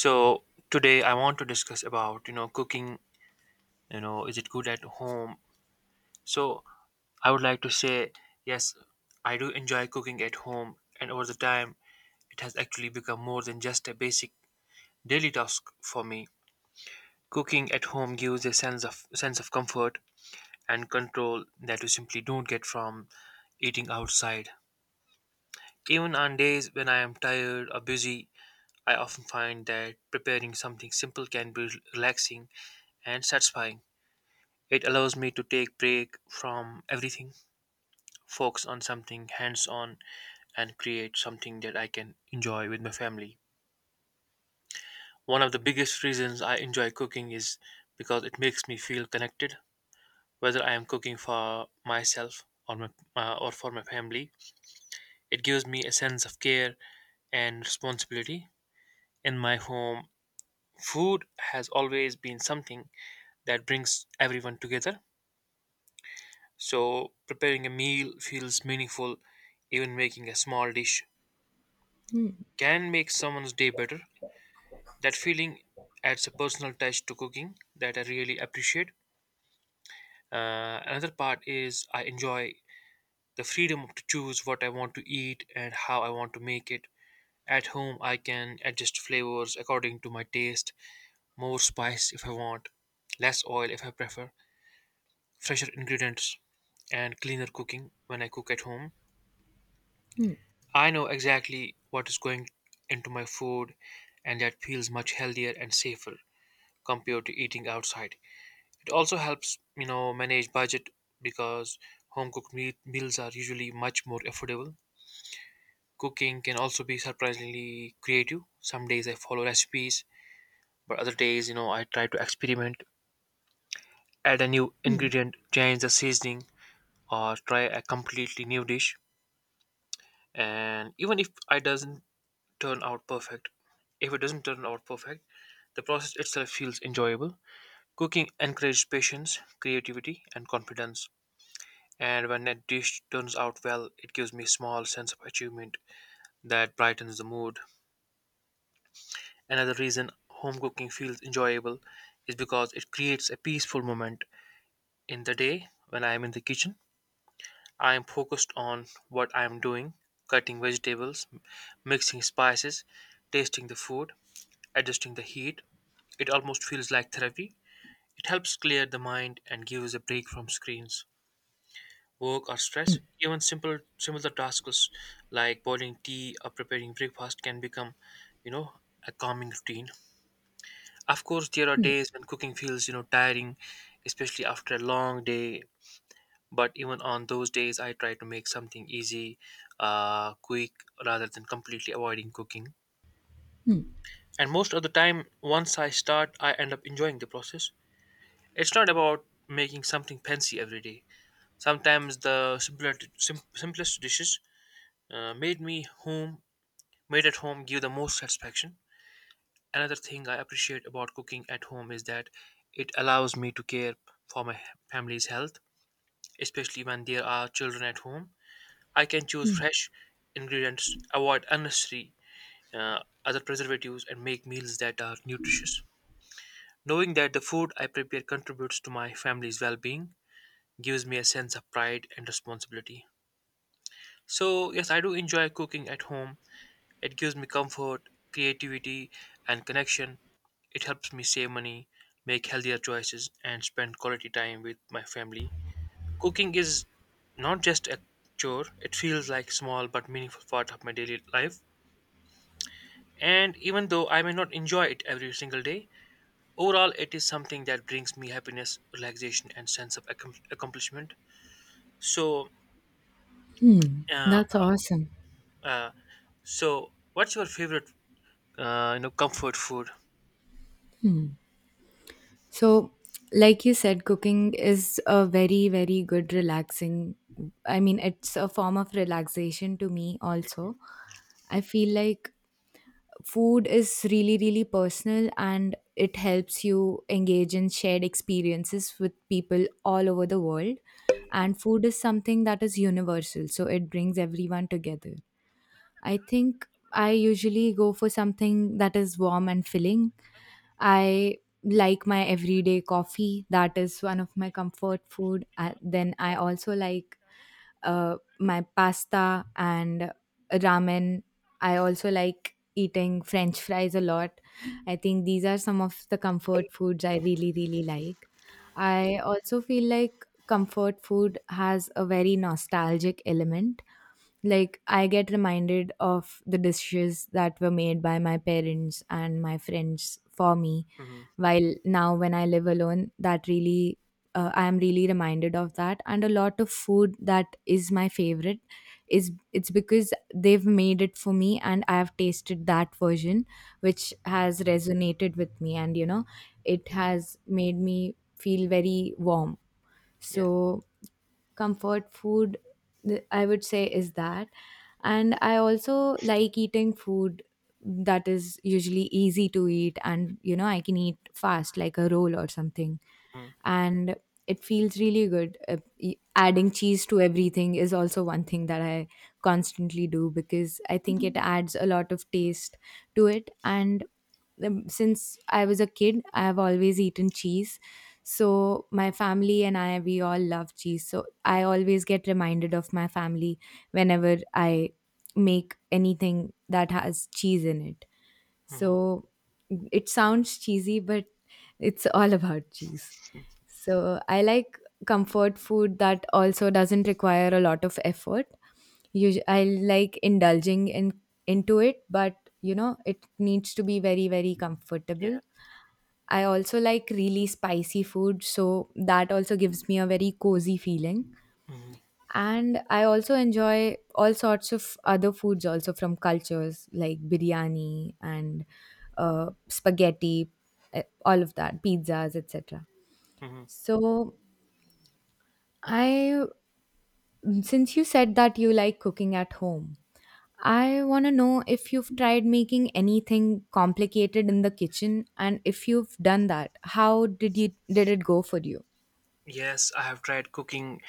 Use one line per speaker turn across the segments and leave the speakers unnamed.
So today I want to discuss about, you know, cooking. You know, is it good at home? So I would like to say yes, I do enjoy cooking at home, and over the time it has actually become more than just a basic daily task for me. Cooking at home gives a sense of comfort and control that you simply don't get from eating outside. Even on days when I am tired or busy, I often find that preparing something simple can be relaxing and satisfying. It allows me to take break from everything, focus on something hands on, and create something that I can enjoy with my family. One of the biggest reasons I enjoy cooking is because it makes me feel connected, whether I am cooking for myself or for my family. It gives me a sense of care and responsibility. In my home, food has always been something that brings everyone together. So preparing a meal feels meaningful, even making a small dish
Mm,
can make someone's day better. That feeling adds a personal touch to cooking that I really appreciate. Another part is I enjoy the freedom to choose what I want to eat and how I want to make it. At home, I can adjust flavors according to my taste, more spice if I want, less oil if I prefer, fresher ingredients, and cleaner cooking when I cook at home.
mm,
I know exactly what is going into my food, and that feels much healthier and safer compared to eating outside. It also helps, you know, manage budget because home meals are usually much more affordable. Cooking can also be surprisingly creative. Some days I follow recipes, but other days, you know, I try to experiment, add a new
mm,
ingredient, change the seasoning, or try a completely new dish. And even if I doesn't turn out perfect, if it doesn't turn out perfect, the process itself feels enjoyable. Cooking encourages patience, creativity, and confidence. And when a dish turns out well, it gives me a small sense of achievement that brightens the mood. Another reason home cooking feels enjoyable is because it creates a peaceful moment in the day when I am in the kitchen. I am focused on what I am doing, cutting vegetables, mixing spices, tasting the food, adjusting the heat. It almost feels like therapy. It helps clear the mind and gives a break from screens, work, or
mm,
stress. Even simple similar tasks like boiling tea or preparing breakfast can become, you know, a calming routine. Of course, there are
mm,
days when cooking feels, you know, tiring, especially after a long day. But even on those days, I try to make something easy, quick, rather than completely avoiding cooking.
mm,
And most of the time, once I start, I end up enjoying the process. It's not about making something fancy every day. Sometimes the simplest dishes uh, made me home made at home give the most satisfaction. Another thing I appreciate about cooking at home is that it allows me to care for my family's health, especially when there are children at home. I can choose
mm.
fresh ingredients, avoid unnecessary, uh, other preservatives, and make meals that are nutritious. Knowing that the food I prepare contributes to my family's well-being gives me a sense of pride and responsibility. So yes, I do enjoy cooking at home. It gives me comfort, creativity, and connection. It helps me save money, make healthier choices, and spend quality time with my family. Cooking is not just a chore, it feels like small but meaningful part of my daily life. And even though I may not enjoy it every single day, overall it is something that brings me happiness, relaxation, and sense of accomplishment. So, uh,
That's awesome.
uh, so what's your favorite, you know, comfort food?
So, like you said, cooking is a very, very good relaxing. I mean, it's a form of relaxation to me, also. I feel like food is really, really personal and it helps you engage in shared experiences with people all over the world. And food is something that is universal, so it brings everyone together. I think I usually go for something that is warm and filling. I like my everyday coffee, that is one of my comfort food. Then I also like my pasta and ramen. I also like eating french fries a lot. I think these are some of the comfort foods I really, really like. I also feel like comfort food has a very nostalgic element like, I get reminded of the dishes that were made by my parents and my friends for me.
Mhm,
While now, when I live alone, that I am really reminded of that. And a lot of food that is my favorite is it's because they've made it for me and I have tasted that version, which
mhm,
has resonated with me. And, it
mhm.
has made me feel very warm.
Yeah.
So, comfort food I would say is that, and I also like eating food that is usually easy to eat and you know I can eat fast like a roll or something,
Mhm,
and it feels really good. Adding cheese to everything is also one thing that I constantly do because I think it adds a lot of taste to it. And since I was a kid, I have always eaten cheese. So my family and I, we all love cheese. So I always get reminded of my family whenever I make anything that has cheese in it.
mhm.
So it sounds cheesy, but it's all about cheese. So I like comfort food that also doesn't require a lot of effort. Usu I like indulging in into it, but you know, it needs to be very, very
Yeah.
comfortable. I also like really spicy food, so that also gives me a very cozy feeling.
Mhm,
And I also enjoy all sorts of other foods also from cultures like biryani and spaghetti, all of that, pizzas, etc.
mhm.
So I, since you said that you like cooking at home, I want to know if you've tried making anything complicated in the kitchen, and if you've done that, how did it go for you?
Yes, I have tried cooking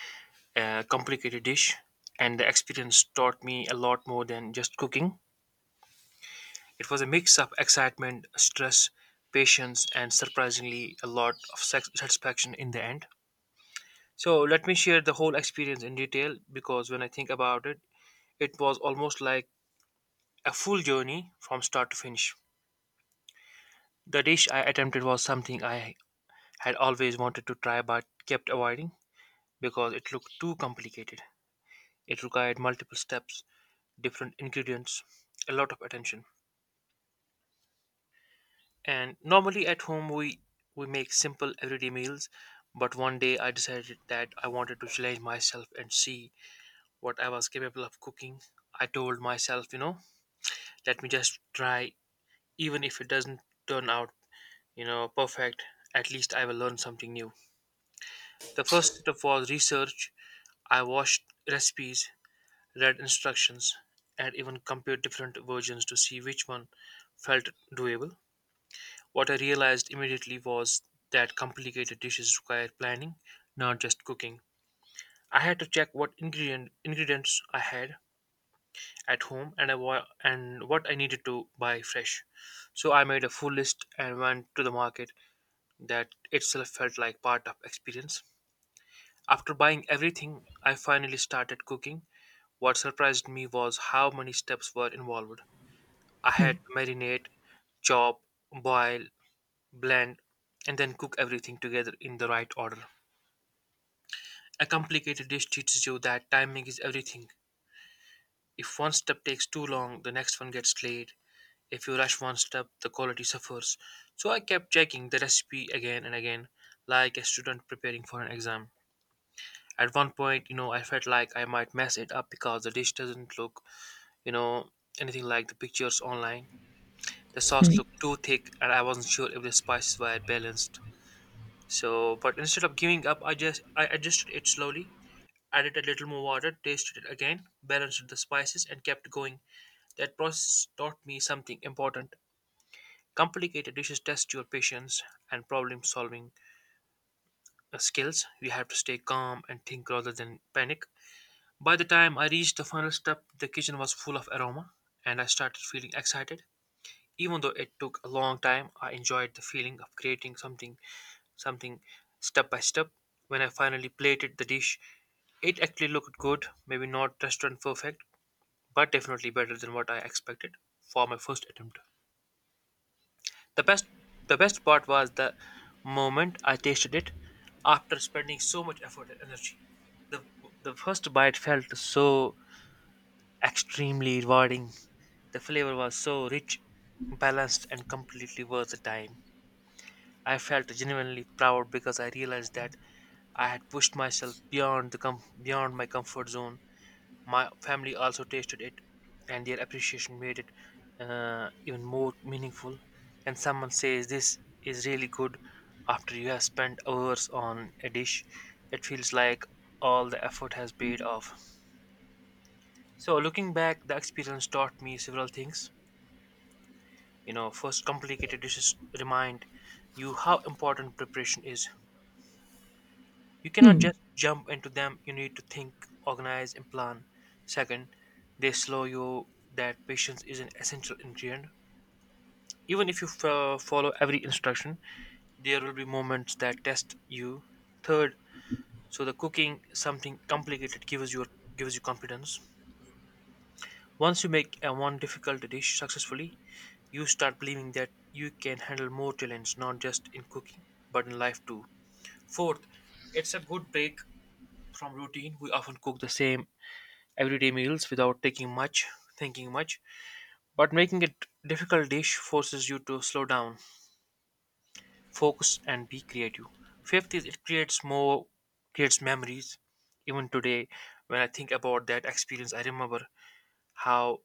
a complicated dish, and the experience taught me a lot more than just cooking. It was a mix of excitement, stress, patience, and surprisingly, a lot of satisfaction in the end. So, let me share the whole experience in detail because when I think about it, it was almost like a full journey from start to finish. The dish I attempted was something I had always wanted to try but kept avoiding because it looked too complicated. It required multiple steps, different ingredients, a lot of attention. And normally at home we make simple everyday meals, but one day I decided that I wanted to challenge myself and see what I was capable of cooking. I told myself, you know, let me just try, even if it doesn't turn out, you know, perfect, at least I will learn something new. The first step was research. I watched recipes, read instructions, and even compared different versions to see which one felt doable. What I realized immediately was that complicated dishes require planning, not just cooking. I had to check what ingredients I had at home and and what I needed to buy fresh. So I made a full list and went to the market. That itself felt like part of experience. After buying everything, I finally started cooking. What surprised me was how many steps were involved. I had to marinate, chop, boil, blend, and then cook everything together in the right order. A complicated dish teaches you that timing is everything. If one step takes too long, the next one gets delayed. If you rush one step, the quality suffers. So I kept checking the recipe again and again, like a student preparing for an exam. At one point, you know, I felt like I might mess it up because the dish doesn't look, you know, anything like the pictures online. The sauce looked too thick, and I wasn't sure if the spices were balanced. So, but instead of giving up, I just I adjusted it slowly, added a little more water, tasted it again, balanced the spices, and kept going. That process taught me something important. Complicated dishes test your patience and problem solving skills. You have to stay calm and think rather than panic. By the time I reached the final step, the kitchen was full of aroma, and I started feeling excited. Even though it took a long time, I enjoyed the feeling of creating something step by step. When I finally plated the dish, it actually looked good, maybe not restaurant perfect, but definitely better than what I expected for my first attempt. The best the best part was the moment I tasted it after spending so much effort and energy. The the first bite felt so extremely rewarding. The flavor was so rich, balanced, and completely worth the time. I felt genuinely proud because I realized that I had pushed myself beyond beyond my comfort zone. My family also tasted it, and their appreciation made it, even more meaningful. And someone says this is really good after you have spent hours on a dish. It feels like all the effort has paid off. So looking back, the experience taught me several things. You know, first, complicated dishes remind you how important preparation is. You cannot
Hmm.
just jump into them. You need to think, organize, and plan. Second, they slow you that patience is an essential ingredient. Even if you follow every instruction, there will be moments that test you. Third, so the cooking something complicated gives you confidence. Once you make a one difficult dish successfully, you start believing that you can handle more challenge, not just in cooking but in life too. Fourth, it's a good break from routine. We often cook the same everyday meals without taking much, thinking much, but making it difficult dish forces you to slow down, focus, and be creative. Fifth is it creates memories. Even today, when I think about that experience, I remember how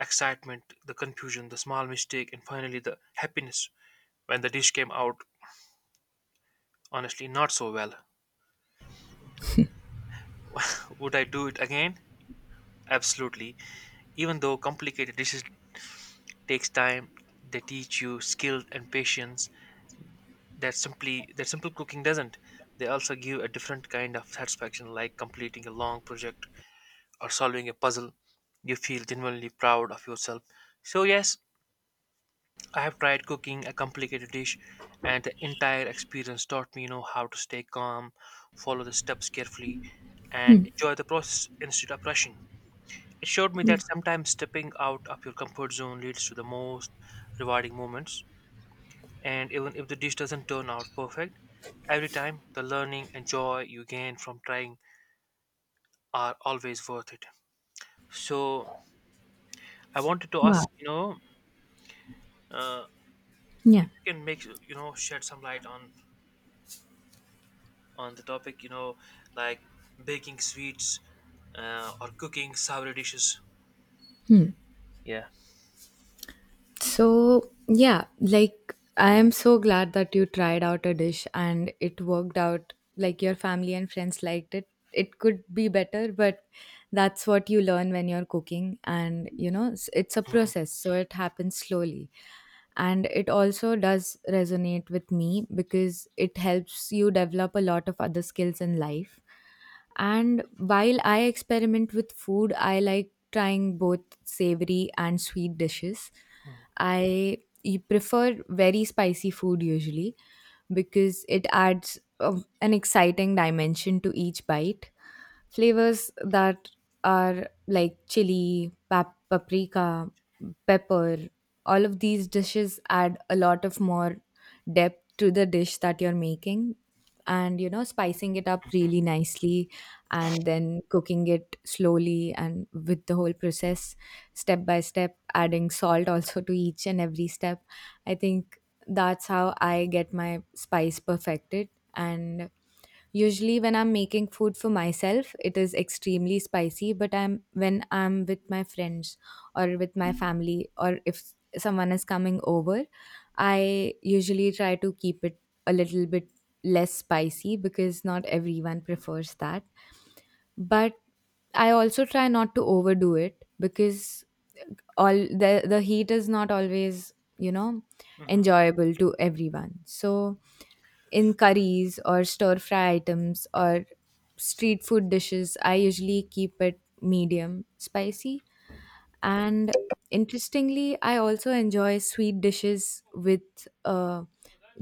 excitement, the confusion, the small mistake, and finally the happiness when the dish came out honestly not so well. Would I do it again? Absolutely. Even though complicated dishes takes time, they teach you skill and patience that simply that simple cooking doesn't. They also give a different kind of satisfaction, like completing a long project or solving a puzzle. You feel genuinely proud of yourself. So yes, I have tried cooking a complicated dish, and the entire experience taught me, you know, how to stay calm, follow the steps carefully, and
Hmm.
enjoy the process instead of rushing. It showed me that sometimes stepping out of your comfort zone leads to the most rewarding moments, and even if the dish doesn't turn out perfect, every time the learning and joy you gain from trying are always worth it. So I wanted to ask,
Wow.
uh,
Yeah.
if you can make, shed some light on the topic, like baking sweets or cooking sour dishes. Yeah.
So, yeah, like I am so glad that you tried out a dish and it worked out. Like your family and friends liked it. It could be better, but that's what you learn when you're cooking. And, you know, it's a
Mhm,
process, so it happens slowly. And it also does resonate with me because it helps you develop a lot of other skills in life. And while I experiment with food, I like trying both savory and sweet dishes. I prefer very spicy food usually because it adds a, an exciting dimension to each bite, flavors that are like chili, paprika, pepper. All of these dishes add a lot of more depth to the dish that you're making, and you know, spicing it up really nicely and then cooking it slowly and with the whole process step by step, adding salt also to each and every step. I think that's how I get my spice perfected. And usually when I'm making food for myself, it is extremely spicy, but I'm when I'm with my friends or with my family, or if someone is coming over, I usually try to keep it a little bit less spicy because not everyone prefers that. But I also try not to overdo it because all the heat is not always, you know,
mhm,
enjoyable to everyone. So in curries or stir fry items or street food dishes, I usually keep it medium spicy. And interestingly, I also enjoy sweet dishes with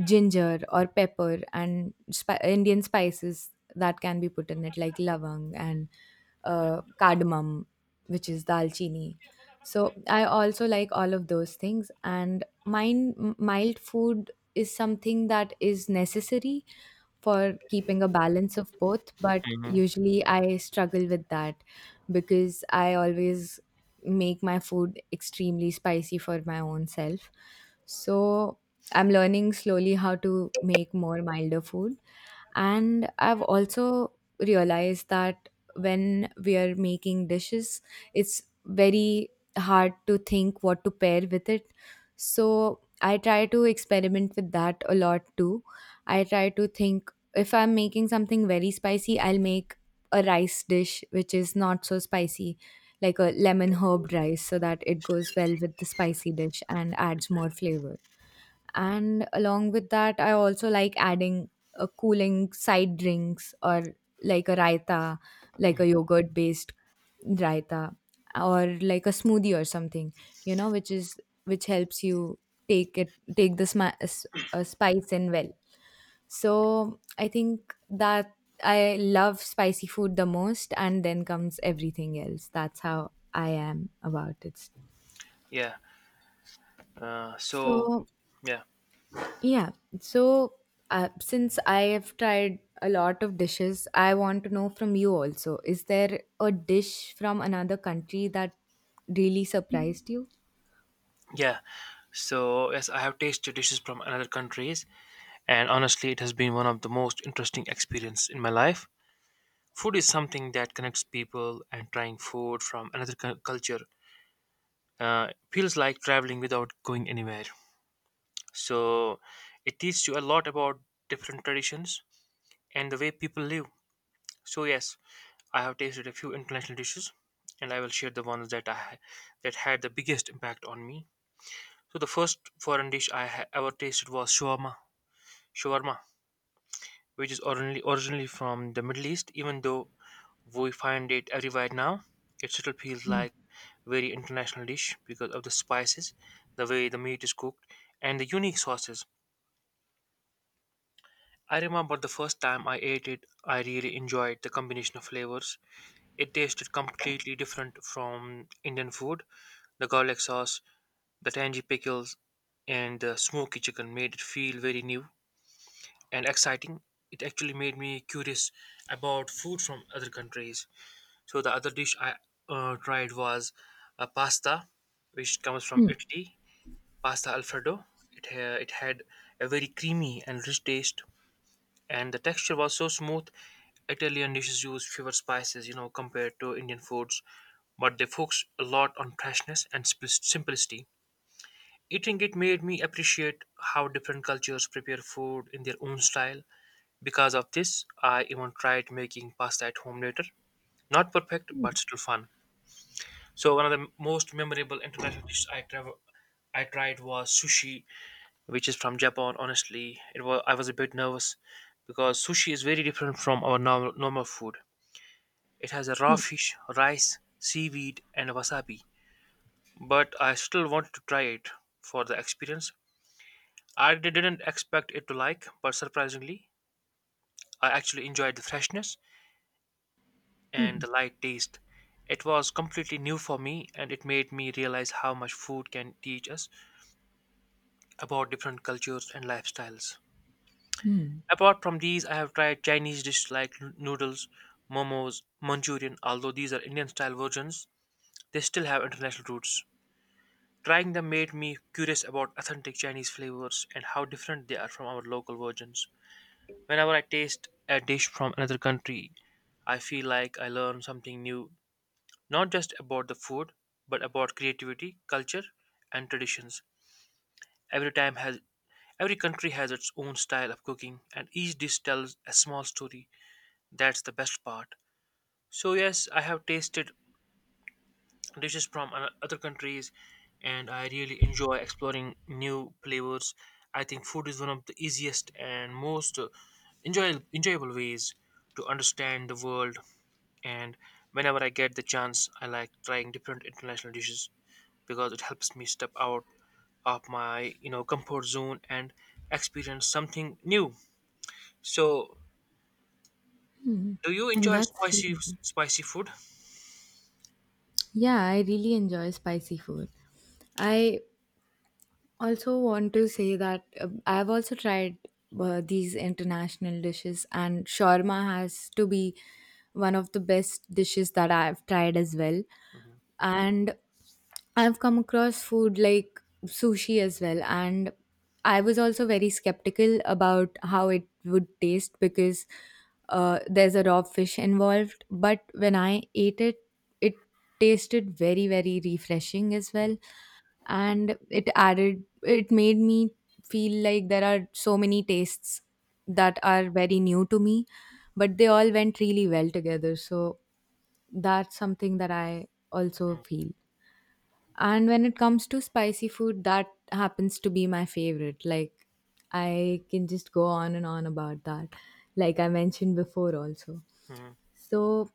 ginger or pepper and Indian spices that can be put in it, like lavang and cardamom, which is dalchini. So I also like all of those things. And mild food is something that is necessary for keeping a balance of both, but
mhm,
usually I struggle with that because I always make my food extremely spicy for my own self. So I'm learning slowly how to make more milder food, and I've also realized that when we are making dishes, it's very hard to think what to pair with it. So I try to experiment with that a lot too. I try to think, if I'm making something very spicy, I'll make a rice dish which is not so spicy, like a lemon herb rice, so that it goes well with the spicy dish and adds more flavor. And along with that, I also like adding a cooling side drinks, or like a raita, like
mhm.
a yogurt based raita, or like a smoothie or something, you know, which is, which helps you take the spice in well. So I think that I love spicy food the most, and then comes everything else. That's how I am about it.
Yeah. Uh, so
So
yeah,
yeah. So, since I have tried a lot of dishes, I want to know from you also. Is there a dish from another country that really surprised you?
yeah. So yes, I have tasted dishes from another countries. And honestly, it has been one of the most interesting experiences in my life. Food is something that connects people, and trying food from another culture feels like traveling without going anywhere. So it teaches you a lot about different traditions and the way people live. So yes, I have tasted a few international dishes, and I will share the ones that had the biggest impact on me. So the first foreign dish ever tasted was shawarma. Shawarma, which is originally from the Middle East, even though we find it everywhere now. It still feels
Hmm,
like very international dish because of the spices, the way the meat is cooked, and the unique sauces. I remember the first time I ate it, I really enjoyed the combination of flavors. It tasted completely different from Indian food. The garlic sauce, the tangy pickles, and the smoky chicken made it feel very new and exciting. It actually made me curious about food from other countries. So the other dish I tried was a pasta, which comes from
hmm,
Italy, pasta Alfredo. It had a very creamy and rich taste, and the texture was so smooth. Italian dishes use fewer spices, you know, compared to Indian foods, but they focus a lot on freshness and simplicity. Eating it made me appreciate how different cultures prepare food in their own style. Because of this, I even tried making pasta at home later. Not perfect, but still fun. So one of the most memorable international dishes I tried was sushi, which is from Japan. Honestly, it was I was a bit nervous because sushi is very different from our normal food. It has a raw fish, rice, seaweed, and wasabi. But I still wanted to try it for the experience. I didn't expect it to like, but surprisingly, I actually enjoyed the freshness and the light taste. It was completely new for me, and it made me realize how much food can teach us about different cultures and lifestyles. Apart from these, I have tried Chinese dishes like noodles, momos, Manchurian, although these are Indian style versions, they still have international roots. Trying them made me curious about authentic Chinese flavors and how different they are from our local versions. Whenever I taste a dish from another country, I feel like I learn something new, not just about the food, but about creativity, culture, and traditions. Every time has Every country has its own style of cooking, and each dish tells a small story. That's the best part. So, yes, I have tasted dishes from other countries, and I really enjoy exploring new flavors. I think food is one of the easiest and most enjoyable ways to understand the world. And whenever I get the chance, I like trying different international dishes because it helps me step out of my comfort zone and experience something new. So, do you
hmm.
enjoy
That's
spicy
really.
spicy food?
Yeah, I really enjoy spicy food. I also want to say that I've also tried these international dishes, and shawarma has to be one of the best dishes that I've tried as well.
Mhm,
And I've come across food like sushi as well, and I was also very skeptical about how it would taste because there's a raw fish involved. But when I ate it, it tasted very, very refreshing as well, and it made me feel like there are so many tastes that are very new to me, but they all went really well together. So that's something that I also
mhm,
feel. And when it comes to spicy food, that happens to be my favorite. Like, I can just go on and on about that, like I mentioned before, also.
mhm.
So,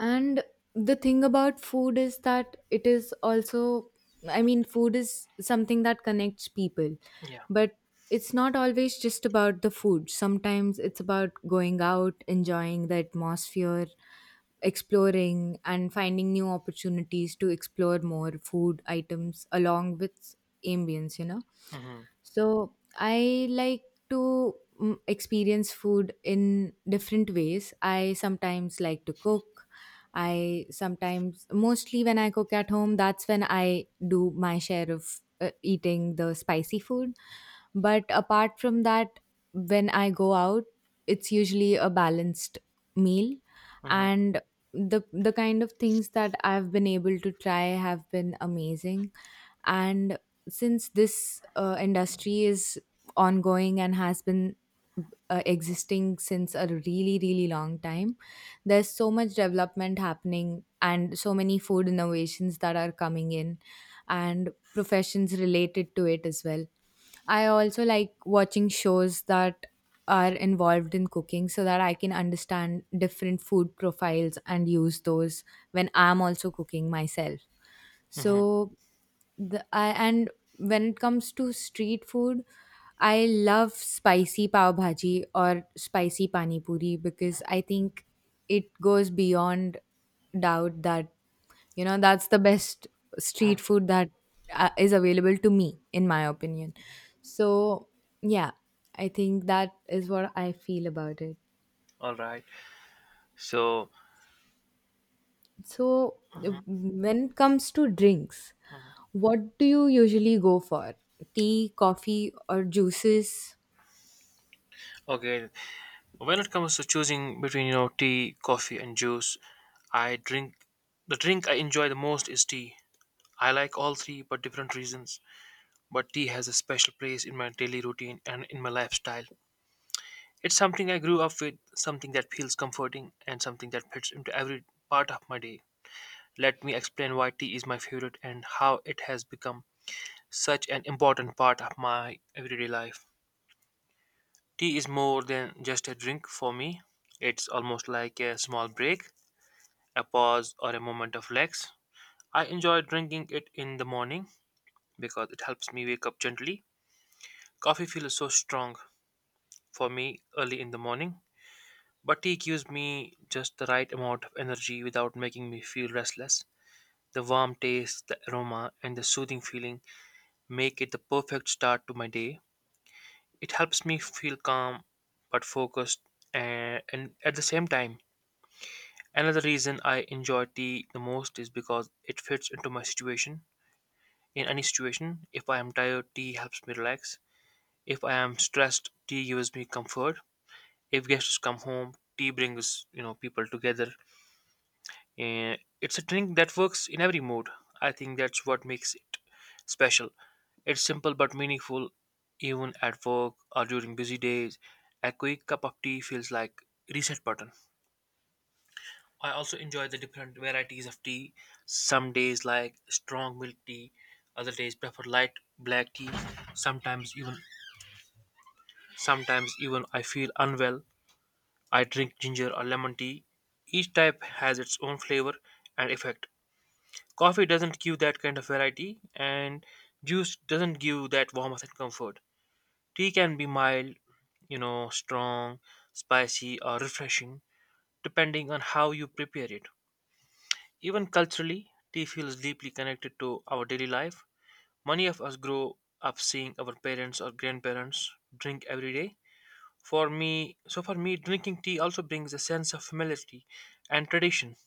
and the thing about food is that it is also, I mean, food is something that connects people,
Yeah.
but it's not always just about the food. Sometimes it's about going out, enjoying the atmosphere, exploring, and finding new opportunities to explore more food items along with ambience, you know?
Mhm,
So I like to experience food in different ways. I sometimes like to cook. I sometimes, mostly when I cook at home, that's when I do my share of eating the spicy food. But apart from that, when I go out, it's usually a balanced meal.
mhm,
And the kind of things that I've been able to try have been amazing, and since this industry is ongoing and has been existing since a really really long time, there's so much development happening and so many food innovations that are coming in, and professions related to it as well. I also like watching shows that are involved in cooking so that I can understand different food profiles and use those when I'm also cooking myself.
mhm,
So the I and when it comes to street food, I love spicy pav bhaji or spicy pani puri because I think it goes beyond doubt that, you know, that's the best
mhm.
street food that is available to me in my opinion. So, yeah, I think that is what I feel about it.
All right. So,
So,
mhm,
when it comes to drinks,
mhm.
what do you usually go for? Tea, coffee or juices?
Okay. When it comes to choosing between, you know, tea, coffee, and juice, I drink the drink I enjoy the most is tea. I like all three, but different reasons. But tea has a special place in my daily routine and in my lifestyle. It's something I grew up with, something that feels comforting, and something that fits into every part of my day. Let me explain why tea is my favorite and how it has become such an important part of my everyday life. Tea is more than just a drink for me, it's almost like a small break, a pause, or a moment of relax. I enjoy drinking it in the morning because it helps me wake up gently. Coffee feels so strong for me early in the morning, but tea gives me just the right amount of energy without making me feel restless. The warm taste, the aroma, and the soothing feeling make it the perfect start to my day. It helps me feel calm but focused, and, at the same time, another reason I enjoy tea the most is because it fits into my situation. In any situation, if I am tired, tea helps me relax. If I am stressed, tea gives me comfort. If guests come home, tea brings people together. And it's a drink that works in every mood. I think that's what makes it special. It's simple but meaningful, even at work or during busy days. A quick cup of tea feels like reset button. I also enjoy the different varieties of tea. Some days like strong milk tea, other days prefer light black tea. Sometimes even Sometimes even I feel unwell. I drink ginger or lemon tea. Each type has its own flavor and effect. Coffee doesn't give that kind of variety, and juice doesn't give that warmth and comfort. Tea can be mild, you know, strong, spicy, or refreshing, depending on how you prepare it. Even culturally, tea feels deeply connected to our daily life. Many of us grow up seeing our parents or grandparents drink every day. For me, drinking tea also brings a sense of familiarity and tradition.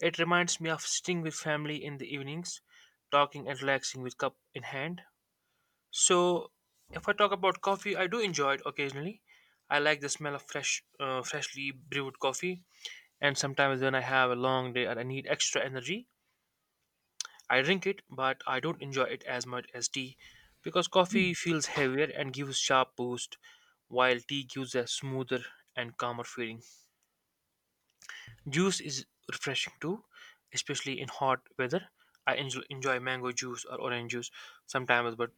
It reminds me of sitting with family in the evenings, talking and relaxing with cup in hand. So, if I talk about coffee, I do enjoy it occasionally. I like the smell of fresh, freshly brewed coffee, and sometimes when I have a long day and I need extra energy, I drink it. But I don't enjoy it as much as tea, because coffee feels heavier and gives sharp boost, while tea gives a smoother and calmer feeling. Juice is refreshing too, especially in hot weather. Enjoy mango juice or orange juice sometimes, but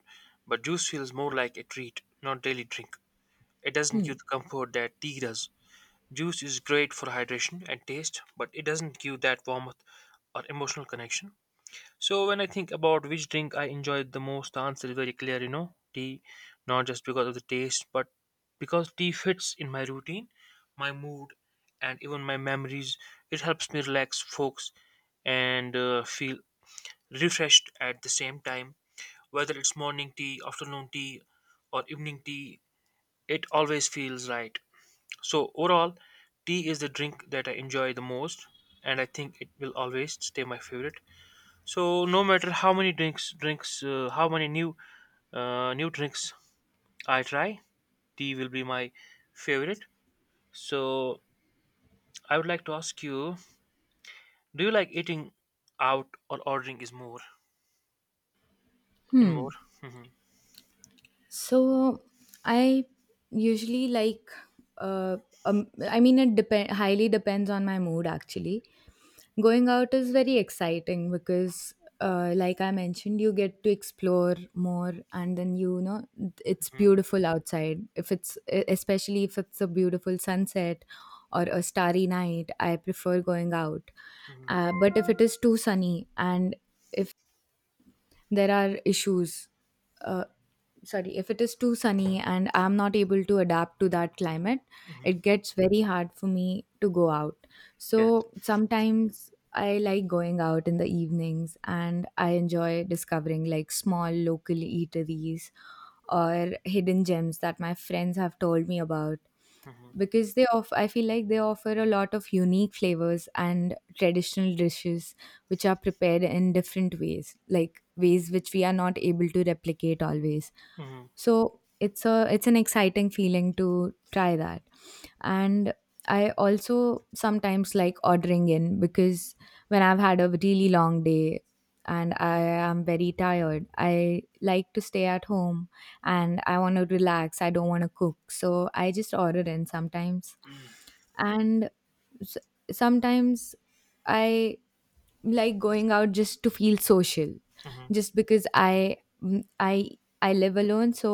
juice feels more like a treat, not daily drink. It doesn't
Hmm.
give the comfort that tea does. Juice is great for hydration and taste, but it doesn't give that warmth or emotional connection. So when I think about which drink I enjoyed the most, the answer is very clear, you know, tea, not just because of the taste, but because tea fits in my routine, my mood, and even my memories. It helps me relax, focus, and feel refreshed at the same time. Whether it's morning tea, afternoon tea, or evening tea, it always feels right. So overall, tea is the drink that I enjoy the most, and I think it will always stay my favorite. So no matter how many how many new drinks I try, tea will be my favorite. So I would like to ask you, do you like eating out or ordering is more and more?
Hmm.
Hmm.
So I usually like uh I mean, it depend highly depends on my mood actually. Going out is very exciting because, like I mentioned, you get to explore more, and then you know it's
Hmm.
beautiful outside. If it's especially if it's a beautiful sunset or a starry night, I prefer going out.
Hmm.
But if it is too sunny and if there are issues uh, sorry, if it is too sunny and I'm not able to adapt to that climate,
Hmm.
it gets very hard for me to go out.
Yes.
So sometimes I like going out in the evenings, and I enjoy discovering like small local eateries or hidden gems that my friends have told me about,
Hmm.
because they off I feel like they offer a lot of unique flavors and traditional dishes which are prepared in different ways, like ways which we are not able to replicate always.
Hmm.
So it's a it's an exciting feeling to try that. And I also sometimes like ordering in, because when I've had a really long day and I am very tired, I like to stay at home and I want to relax, I don't want to cook, so I just order in sometimes.
Hmm.
And s- sometimes I like going out just to feel social,
Hmm.
just because I mm, I live alone, so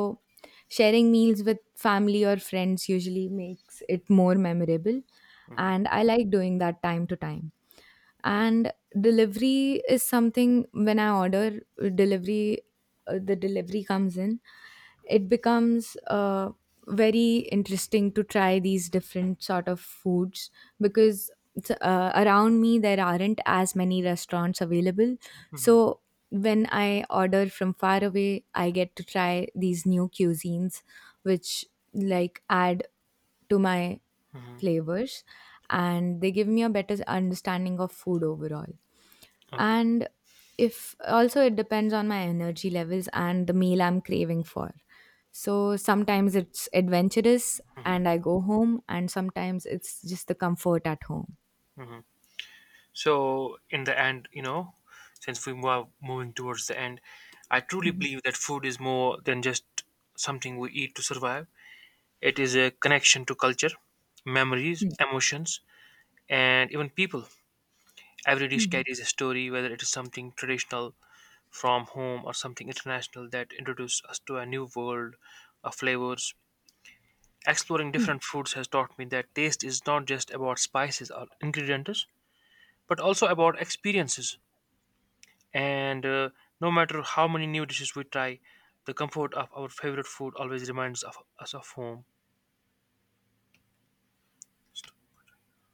sharing meals with family or friends usually makes it more memorable,
Hmm.
and I like doing that time to time. And delivery is something, when I order delivery, the delivery comes in, it becomes very interesting to try these different sort of foods, because around me there aren't as many restaurants available. So when I order from far away, I get to try these new cuisines, which like add to my
Hmm.
flavors, and they give me a better understanding of food overall.
Okay.
And if also it depends on my energy levels and the meal I'm craving for. So sometimes it's adventurous
Hmm.
and I go home, and sometimes it's just the comfort at home.
Hmm. So in the end, you know, since we are moving towards the end, I truly
Mhm.
believe that food is more than just something we eat to survive. It is a connection to culture, memories,
Hmm.
emotions, and even people. Every dish
hmm
carries a story, whether it is something traditional from home or something international that introduces us to a new world of flavors. Exploring
Hmm.
different foods has taught me that taste is not just about spices or ingredients, but also about experiences. And no matter how many new dishes we try, the comfort of our favorite food always reminds of us of home.